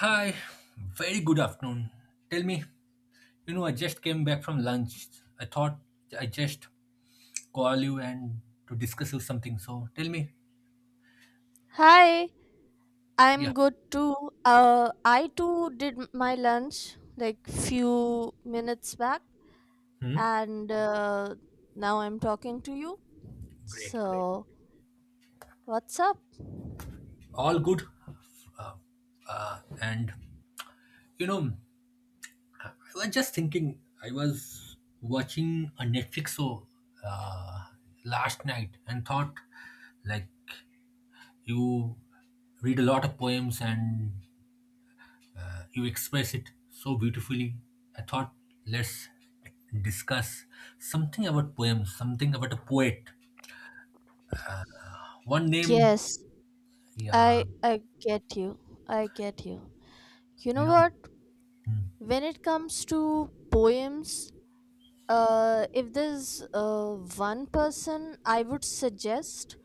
Hi, very good afternoon. Tell me, I just came back from lunch. I thought I just call you and to discuss you something. So tell me, Hi, I'm yeah. good too. I too did my lunch like few minutes back, Hmm? and now I'm talking to you. Great, great. So, what's up? All good. Uh, and you know, I was just thinking. I was watching a Netflix show uh, last night and thought, like, you read a lot of poems and you express it so beautifully. I thought let's discuss something about poems, something about a poet. One name, Yes, yeah, I get you. I get you. You you know know, what? hmm, When it comes to poems, if there's one person I would suggest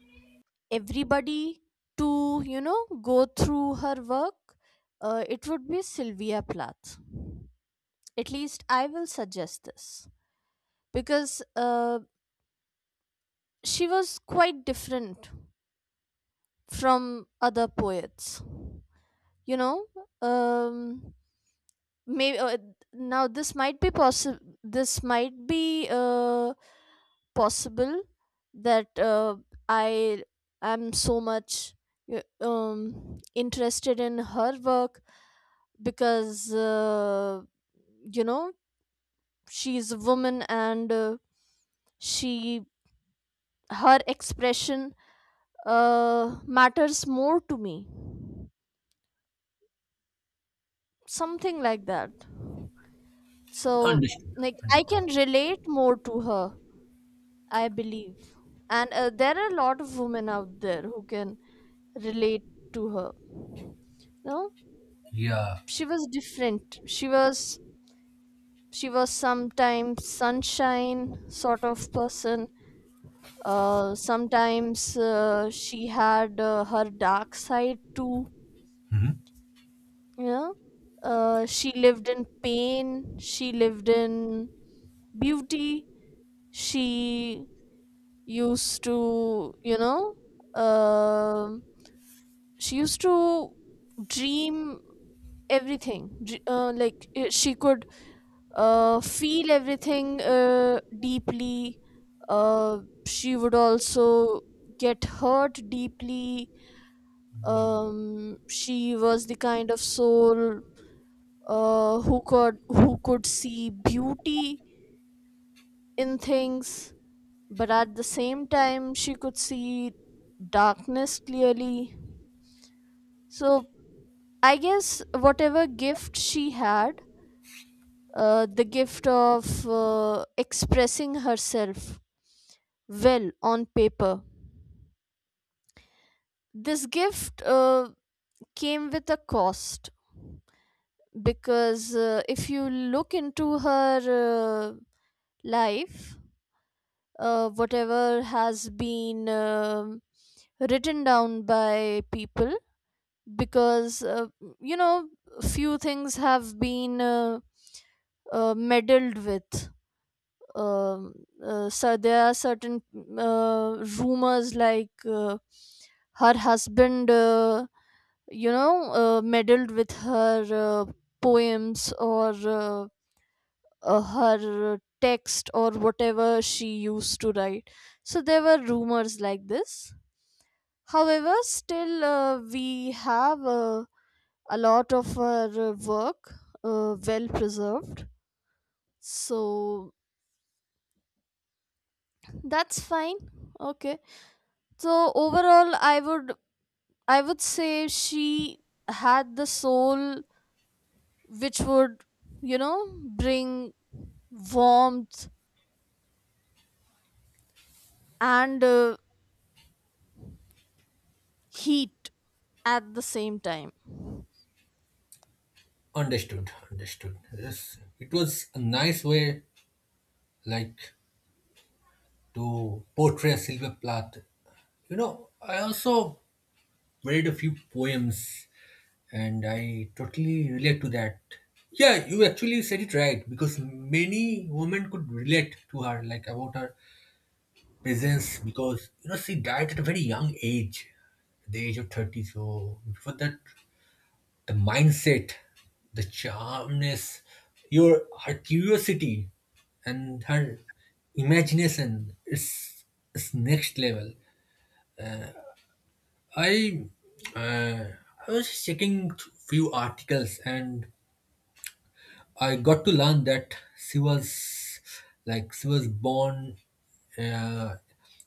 everybody to go through her work, it would be Sylvia Plath. At least I will suggest this because she was quite different from other poets, you know. um maybe now this might be possible, this might be possible that I am so much interested in her work because you know she's a woman and she, her expression matters more to me. Something like that. So understood, like I understood. can relate more to her, I believe. And there are a lot of women out there who can relate to her. No Yeah, She was different, she was sometimes sunshine sort of person, sometimes she had her dark side too, hmm, you know she lived in pain, she lived in beauty. She used to um she used to dream everything. Like she could feel everything deeply. She would also get hurt deeply. She was the kind of soul who could see beauty in things, but at the same time she could see darkness clearly. So I guess whatever gift she had, the gift of expressing herself well on paper. This gift came with a cost because if you look into her life, whatever has been written down by people, because you know, few things have been meddled with. Um, so there are certain rumors like her husband meddled with her uh, poems or her text or whatever she used to write. So there were rumors like this. However, still we have a lot of her work well preserved. So that's fine. Okay. So overall, I would say she had the soul which would you know bring warmth and heat at the same time. understood, understood. Yes, it was a nice way, like to portray Sylvia Plath. I also read a few poems and I totally relate to that. Yeah, you actually said it right because many women could relate to her, like about her presence, because you know she died at a very young age, the age of 30. So before that, the mindset, the charmness, your her curiosity, and her imagination is next level. I uh, I was checking few articles and I got to learn that she was like she was born uh,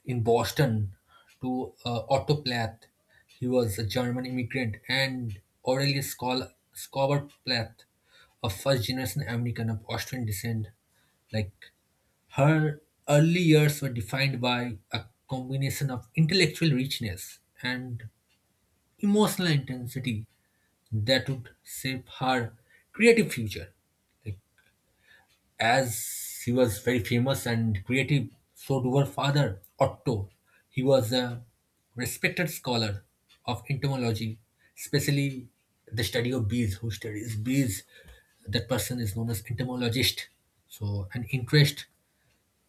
in Boston to Otto Plath. He was a German immigrant and Aurelius Schauber Plath, a first generation American of Austrian descent. Like her early years were defined by a combination of intellectual richness and emotional intensity that would shape her creative future. Like as he was very famous and creative, so do her father, Otto. He was a respected scholar of entomology, especially the study of bees. Who studies bees? That person is known as entomologist. So, an interest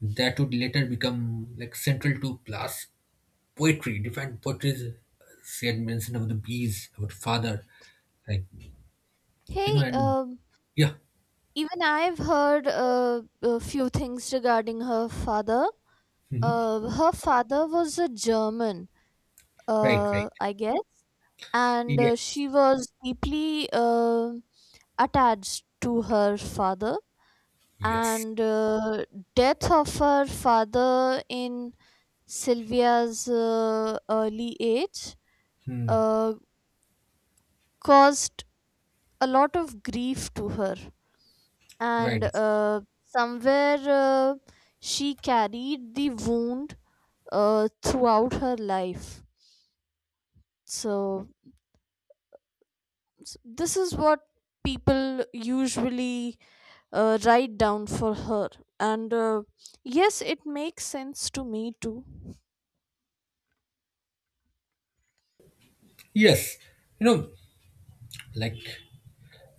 that would later become like central to Plath's poetry. Different poetry, she had mentioned about the bees, about father, like Hey, and yeah, even I've heard a few things regarding her father. Her father was a German, right, right, I guess, and yes, she was deeply attached to her father. yes, And death of her father in Sylvia's early age hmm, uh, caused a lot of grief to her, right. and somewhere she carried the wound throughout her life. So this is what people usually write down for her, and yes, it makes sense to me too. Yes, you know, like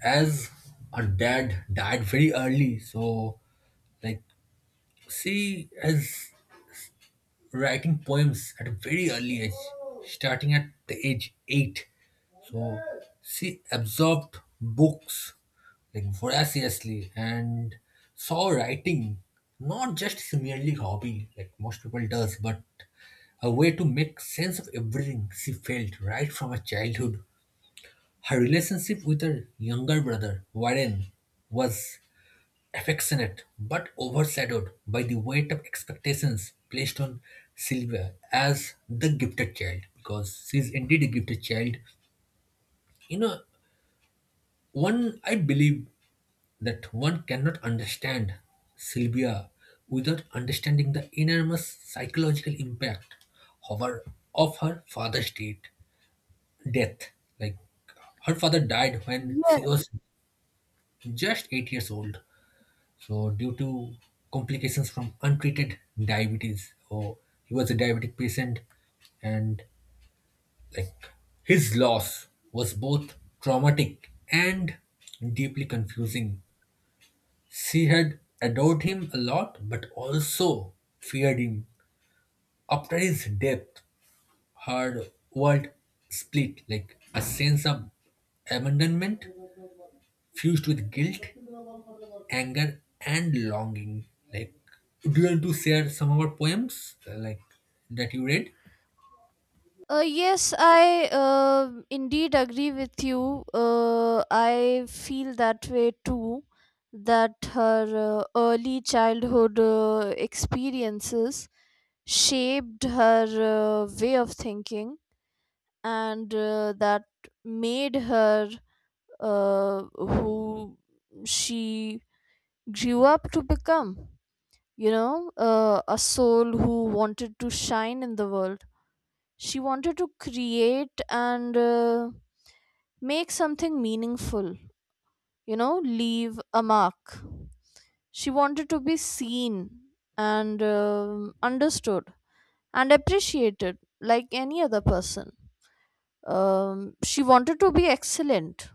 as her dad died very early, so like she is writing poems at a very early age, starting at the age 8. So she absorbed books like voraciously and saw writing not just as merely hobby like most people does, but a way to make sense of everything she felt right from her childhood. Her relationship with her younger brother, Warren, was affectionate but overshadowed by the weight of expectations placed on Sylvia as the gifted child, because she is indeed a gifted child. You know, one, I believe that one cannot understand Sylvia without understanding the enormous psychological impact of her father's death. Like her father died when she was just 8 years old. So due to complications from untreated diabetes, oh, he was a diabetic patient, and like his loss was both traumatic and deeply confusing. She had adored him a lot, but also feared him. After his death, her world split like a sense of abandonment fused with guilt, anger, and longing. Like, do you want to share some of our poems, like that you read? Yes, I indeed agree with you. I feel that way too. That her early childhood experiences shaped her way of thinking, and that made her who she grew up to become. You know, a soul who wanted to shine in the world. She wanted to create and make something meaningful, leave a mark. She wanted to be seen and understood and appreciated like any other person. She wanted to be excellent,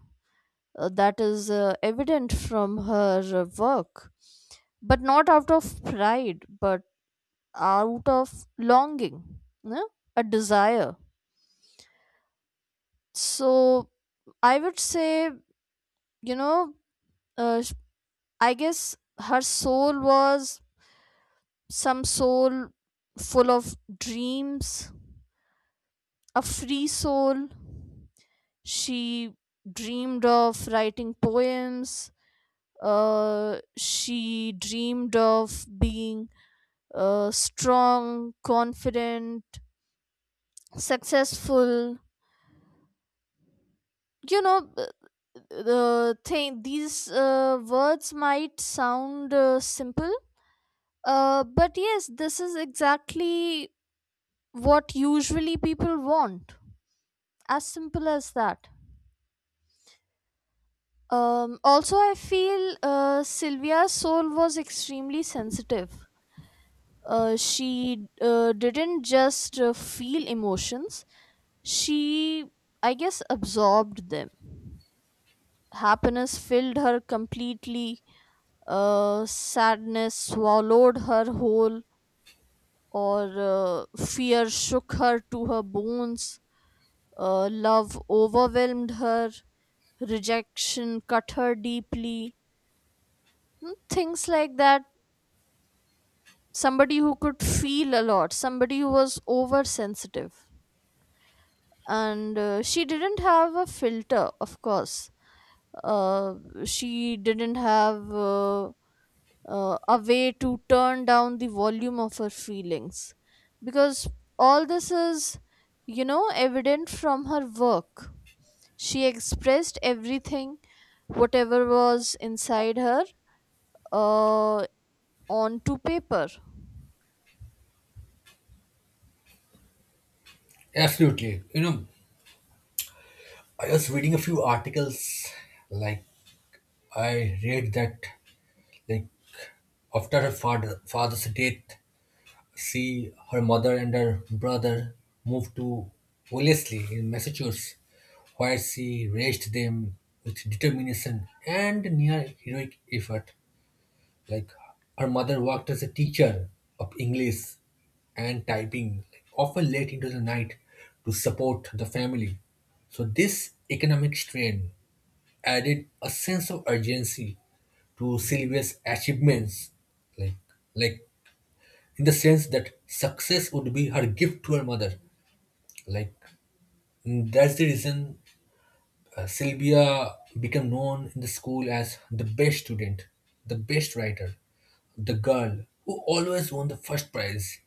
that is evident from her work, but not out of pride but out of longing, you a desire. So I would say, you know uh, sh- I guess her soul was some soul full of dreams, a free soul. She dreamed of writing poems. She dreamed of being strong, confident, successful. You know, the thing these words might sound simple, but yes, this is exactly what usually people want. As simple as that. Also, I feel Sylvia's soul was extremely sensitive. She didn't just feel emotions, she, I guess, absorbed them. Happiness filled her completely, sadness swallowed her whole, or fear shook her to her bones, love overwhelmed her, rejection cut her deeply. Things like that. Somebody who could feel a lot, somebody who was oversensitive, and she didn't have a filter, of course. uh, she didn't have a way to turn down the volume of her feelings, because all this is evident from her work. She expressed everything, whatever was inside her, uh, onto paper. Absolutely. I was reading a few articles. Like, I read that, like, after her father's death, she, her mother, and her brother moved to Wellesley in Massachusetts, where she raised them with determination and near heroic effort. Like her mother worked as a teacher of English and typing, like, often late into the night to support the family. So this economic strain added a sense of urgency to Sylvia's achievements, like like in the sense that success would be her gift to her mother. Like that's the reason Sylvia became known in the school as the best student, the best writer, the girl who always won the first prize,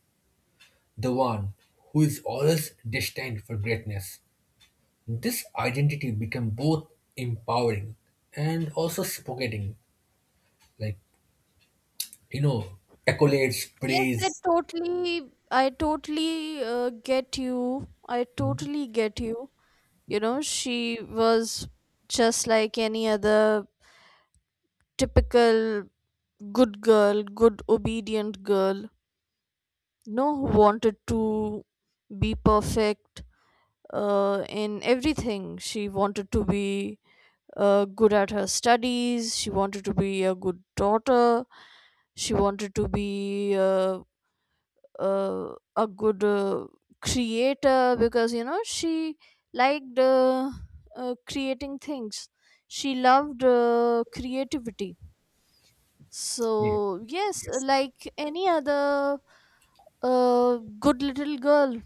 the one who is always destined for greatness. This identity became both empowering and also suffocating. Like, you know, accolades, Yes, praise. I totally get you. I Mhm. totally get you. You know, she was just like any other typical good girl, good obedient girl. No, Who wanted to be perfect in everything. She wanted to be good at her studies. She wanted to be a good daughter. She wanted to be a good creator because she liked creating things. She loved creativity. So Yeah. yes, Yes. like any other uh, good little girl,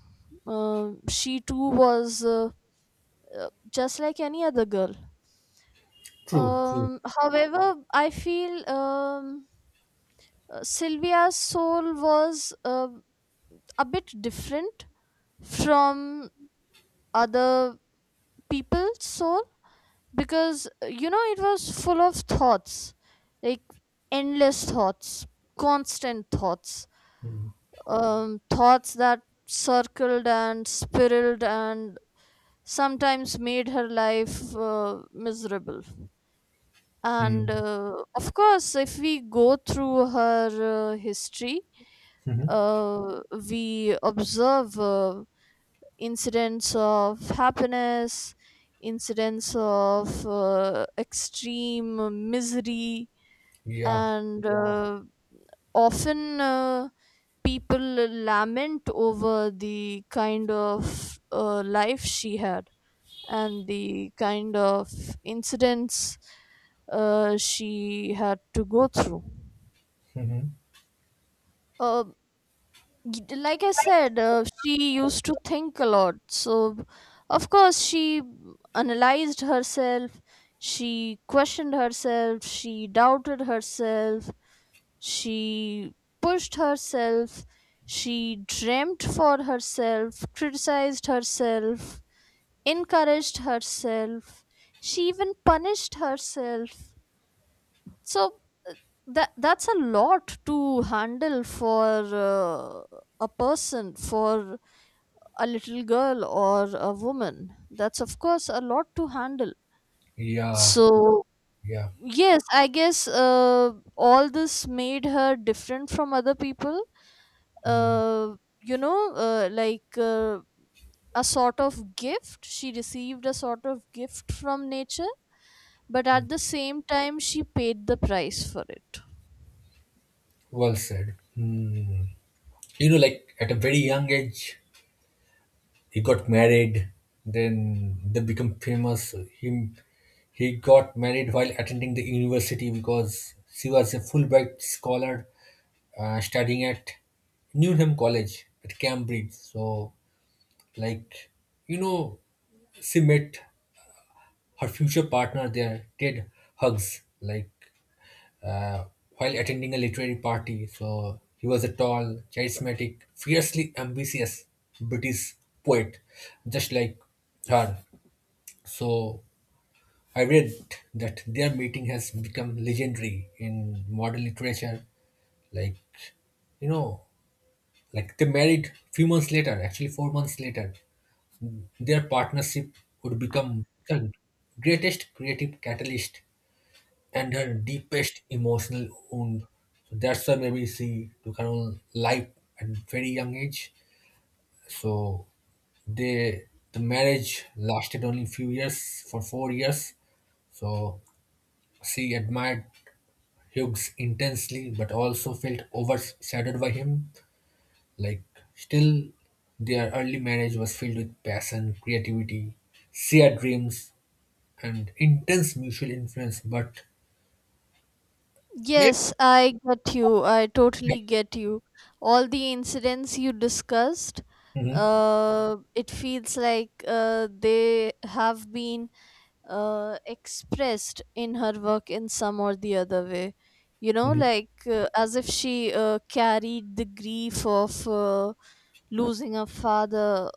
she too was just like any other girl. True, true. Um, however i feel um, uh, Sylvia's soul was a bit different from other people's soul because it was full of thoughts, like endless thoughts, constant thoughts. Mm-hmm. Thoughts that circled and spiraled and sometimes made her life miserable. And of course, if we go through her history, Mm-hmm. uh, we observe incidents of happiness, incidents of extreme misery, Yeah. and yeah, often people lament over the kind of life she had and the kind of incidents she had to go through. Hmm. Uh, like I said, she used to think a lot. So, of course, she analyzed herself, she questioned herself, she doubted herself, she pushed herself, she dreamt for herself, criticized herself, encouraged herself, she even punished herself. So uh, that's a lot to handle for uh, a person, for a little girl or a woman. That's of course a lot to handle. Yeah. So Yeah. yes, I guess all this made her different from other people, Mm. uh, you know uh, like uh, a sort of gift she received, a sort of gift from nature, but at the same time she paid the price for it. Well said. Hmm. Like at a very young age he got married, then they become famous. Him he got married while attending the university because she was a Fulbright scholar, studying at Newnham College at Cambridge. So like you know she met her future partner there, Ted Hugs, like uh, while attending a literary party. So he was a tall, charismatic, fiercely ambitious British poet, just like her. So I read that their meeting has become legendary in modern literature. Like, you know, like they married few months later, actually 4 months later. Their partnership would become the greatest creative catalyst and her deepest emotional wound. So that's why maybe she took her own life at very young age. So they the marriage lasted only few years for 4 years. So she admired Hughes intensely but also felt overshadowed by him. Like still their early marriage was filled with passion, creativity, shared dreams, and intense mutual influence, but maybe Yes, I get you. I totally get you. All the incidents you discussed, it feels like they have been expressed in her work in some or the other way. You know, Mhm. like as if she carried the grief of losing a father,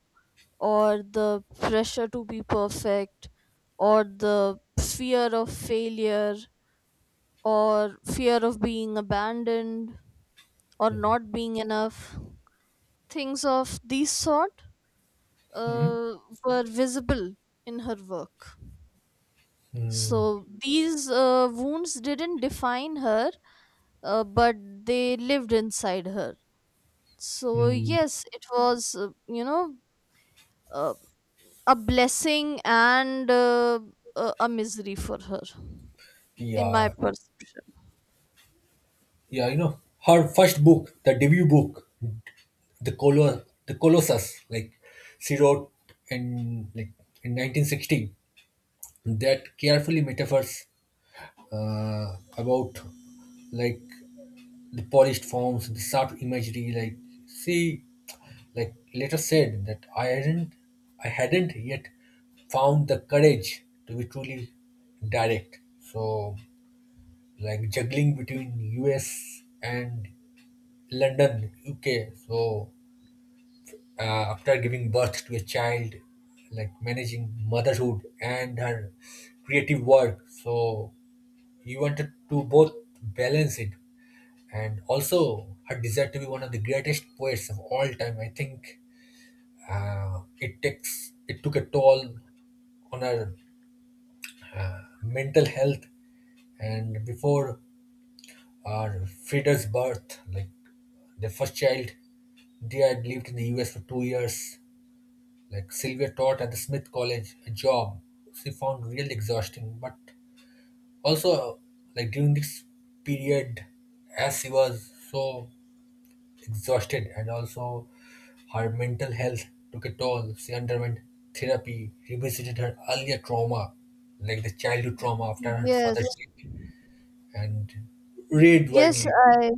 or the pressure to be perfect, or the fear of failure, or fear of being abandoned, or Mhm. not being enough. Things of these sort Mm-hmm. uh, were visible in her work. Hmm. So these wounds didn't define her, but they lived inside her. So, Hmm. yes, it was, uh, a blessing and a misery for her, in my Yeah, perception. yeah, her first book, the debut book, the Colossus, like she wrote in like in 1960, that carefully metaphors about like the polished forms, the sharp imagery. Like she, like later said that I hadn't yet found the courage to be truly direct. So like juggling between US and London, UK. So after giving birth to a child, like managing motherhood and her creative work. So he wanted to both balance it and also her desire to be one of the greatest poets of all time. I think it took a toll on her uh, mental health and before Or Frida's birth, like their first child, they had lived in the US for 2 years. Like Sylvia taught at the Smith College, a job she found really exhausting. But also, like during this period, as she was so exhausted and also her mental health took a toll, she underwent therapy, revisited her earlier trauma, like the childhood trauma after her father's Yes, death, and read yes, widely. I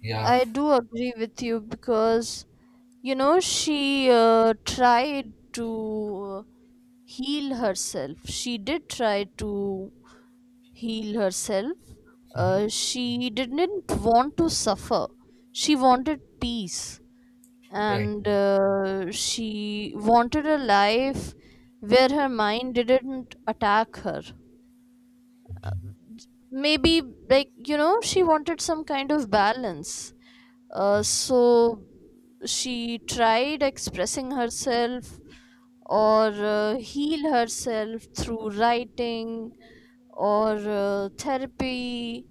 Yeah. I do agree with you because she tried to heal herself. She did try to heal herself. Hmm. She didn't want to suffer. She wanted peace, Right. and she wanted a life where her mind didn't attack her. Maybe, she wanted some kind of balance. So she tried expressing herself or heal herself through writing, or therapy,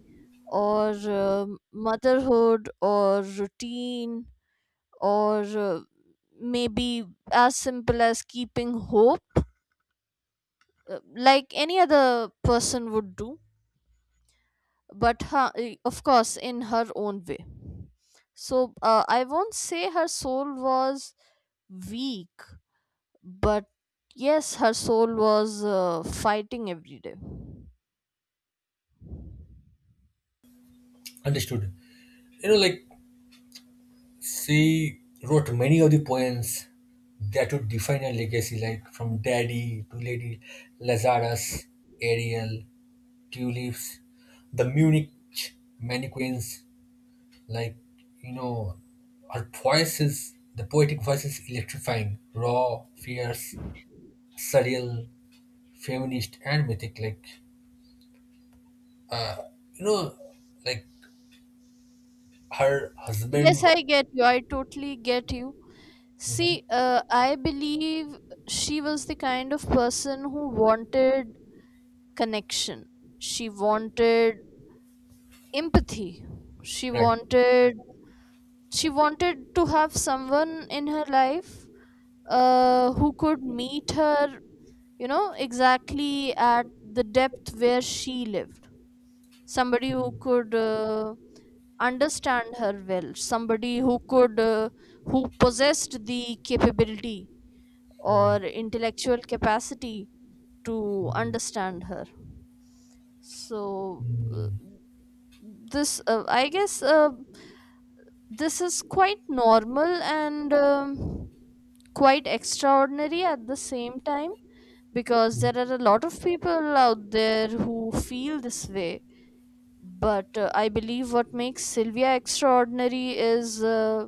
or motherhood or routine, or maybe as simple as keeping hope, like any other person would do, but her, of course in her own way. So I won't say her soul was weak. But yes, her soul was fighting every day. Understood. Like she wrote many of the poems that would define her legacy, like from Daddy to Lady Lazarus, Ariel, Tulips, the Munich mannequins. Like, you know, her voice is, the poetic voice is electrifying, raw, fierce, surreal, feminist, and mythic. Like, you know, like her Yes, husband. I get you. I totally get you. See, Mhm. I believe she was the kind of person who wanted connection. She wanted empathy. She Right. wanted to have someone in her life who could meet her, you know, exactly at the depth where she lived. Somebody who could understand her well, somebody who could who possessed the capability or Mhm. intellectual capacity to understand her. So uh, this I guess this is quite normal and quite extraordinary at the same time, because Yeah, there are a lot of people out there who feel this way. But I believe what makes Sylvia extraordinary is uh,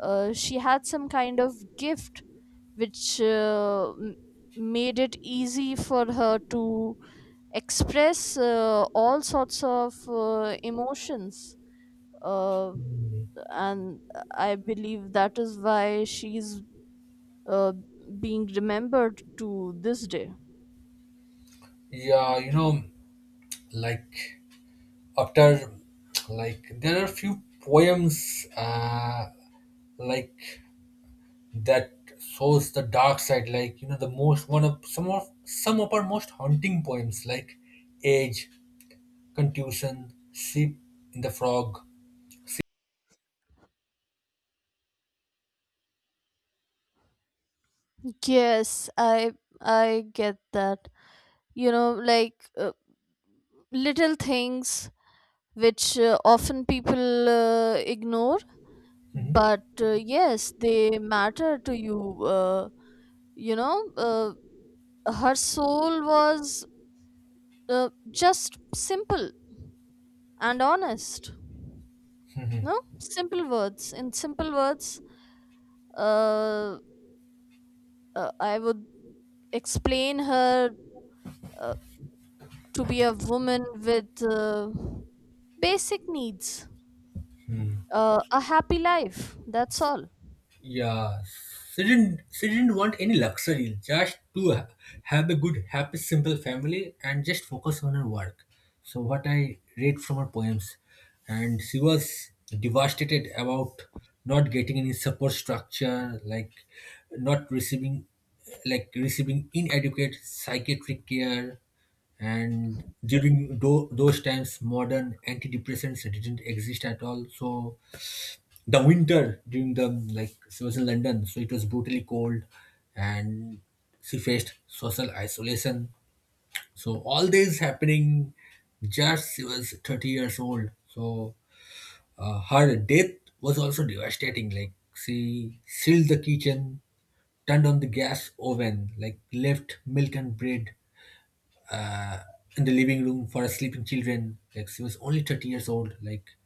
uh, she had some kind of gift which made it easy for her to express all sorts of emotions, uh, and I believe that is why she's uh, being remembered to this day. you know, like after, like there are few poems like that shows the dark side. Like the most one of some of our most haunting poems, like age, contusion, sheep in the frog. Yes, I get that. You know, like little things which often people ignore, but yes, they matter to you. You know Her soul was just simple and honest. Mhm. No simple words In simple words, uh, I would explain her uh, to be a woman with basic needs, a happy life, that's all. Yeah, she didn't want any luxury, just to have a good, happy, simple family and just focus on her work. So what I read from her poems, and she was devastated about not getting any support structure, like not receiving, like receiving inadequate psychiatric care, and during those times modern antidepressants didn't exist at all, so the winter during the like she was in London, so it was brutally cold, and she faced social isolation. So all this happening, just she was 30 years old. So her death was also devastating. Like she sealed the kitchen, turned on the gas oven, like left milk and bread uh, in the living room for her sleeping children. Like she was only 30 years old. Like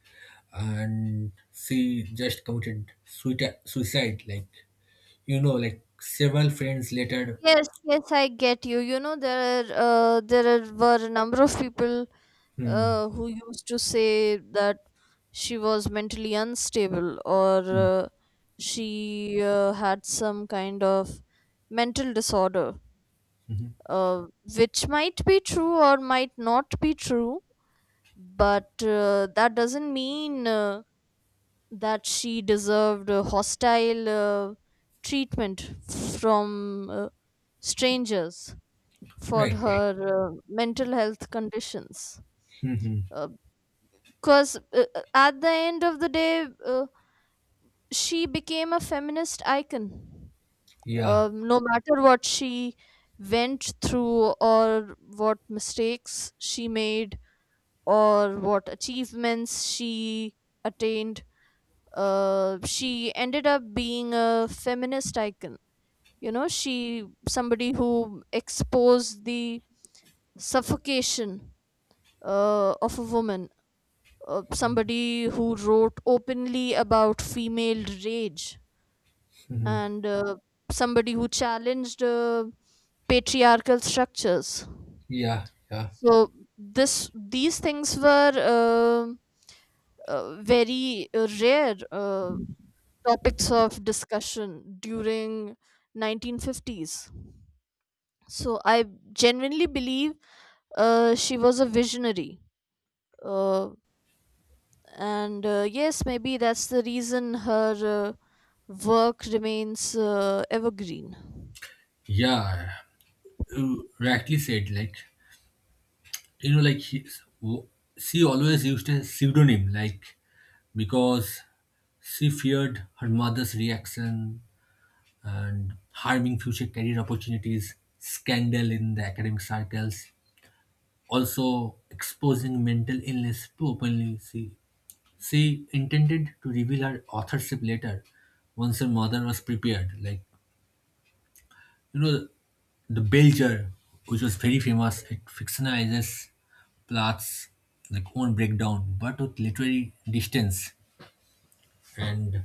and she just committed suicide like like several friends later. Yes, yes, I get you. You know, there are, were a number of people Hmm. Who used to say that she was mentally unstable, or Hmm. She had some kind of mental disorder, Mhm. uh, which might be true or might not be true, but that doesn't mean that she deserved hostile treatment from strangers for Right, right. her mental health conditions, Mhm. because at the end of the day, she became a feminist icon. Yeah. No matter what she went through, or what mistakes she made, or what achievements she attained, she ended up being a feminist icon. You know, she somebody who exposed the suffocation of a woman, somebody who wrote openly about female rage, Mhm. and somebody who challenged patriarchal structures. Yeah. Yeah. So this these things were very rare topics of discussion during 1950s. So I genuinely believe she was a visionary. Uh, and yes, maybe that's the reason her work remains evergreen. Yeah, you rightly said like like w- she always used a pseudonym like because she feared her mother's reaction and harming future career opportunities, scandal in the academic circles, also exposing mental illness too openly. She intended to reveal her authorship later once her mother was prepared. Like, you know, the Belger, which was very famous, it fictionalizes plots like own breakdown, but with literary distance. And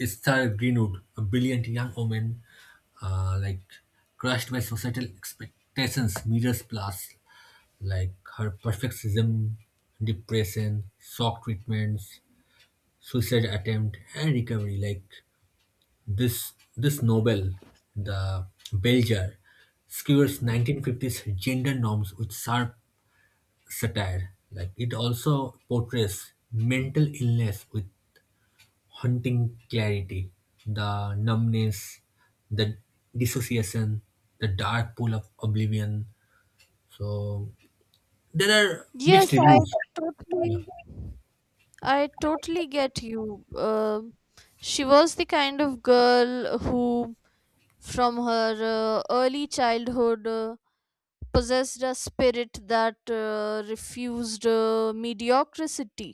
Esther Greenwood, a brilliant young woman, like crushed by societal expectations, mirrors plots like her perfectionism, depression, shock treatments, suicide attempt, and recovery. Like this novel, The Belger, skewers 1950s gender norms with sharp satire. Like it also portrays mental illness with haunting clarity, the numbness, the dissociation, the dark pool of oblivion. So there are Yes, mixed reviews. totally Yeah. I totally get you. She was the kind of girl who from her early childhood possessed a spirit that refused mediocrity,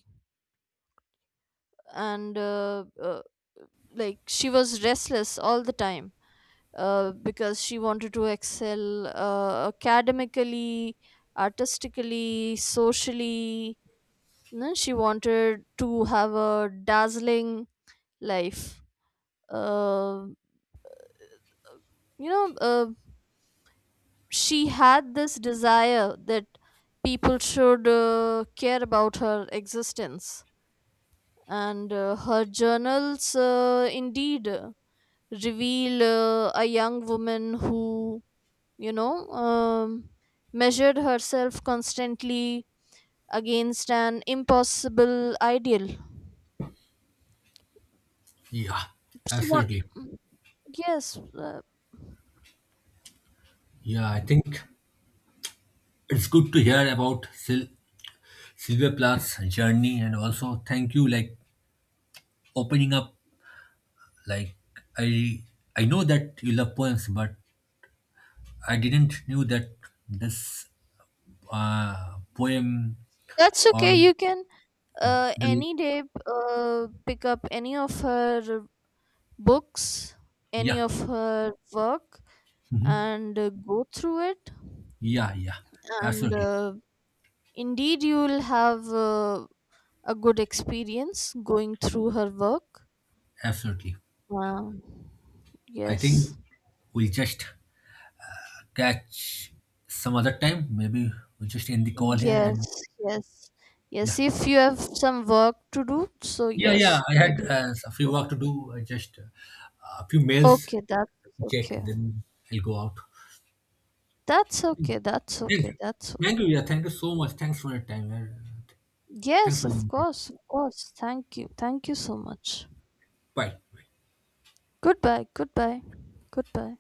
and like she was restless all the time because she wanted to excel academically, artistically, socially. No, She wanted to have a dazzling life. Uh, you know, uh, she had this desire that people should care about her existence. And her journals indeed reveal a young woman who, you know, measured herself constantly against an impossible ideal. Yeah, She want, absolutely. yes, Yeah, I think it's good to hear about Sylvia Plath's journey, and also thank you like opening up. Like I, I know that you love poems, but I didn't knew that this poem that's or okay. You can the any day pick up any of her books, any yeah, of her work, hmm, and go through it. yeah, yeah, And absolutely, indeed, you will have a good experience going through her work. absolutely. Um, I think yes. we'll just catch some other time. Maybe we'll just end the call here, Yes, and yes, yes. yeah. If you have some work to do, so Yeah, yes, yeah. I maybe had you a few should work to do. I just a few go. mails Okay, to check, okay. then I'll go out. That's okay. Thank you. That's Thank okay. you. Yeah, thank you so much. Thanks for your time. Yeah. Thanks Yes, for of your time. course, of course. Thank you. Thank you so much. Bye. Goodbye. Goodbye.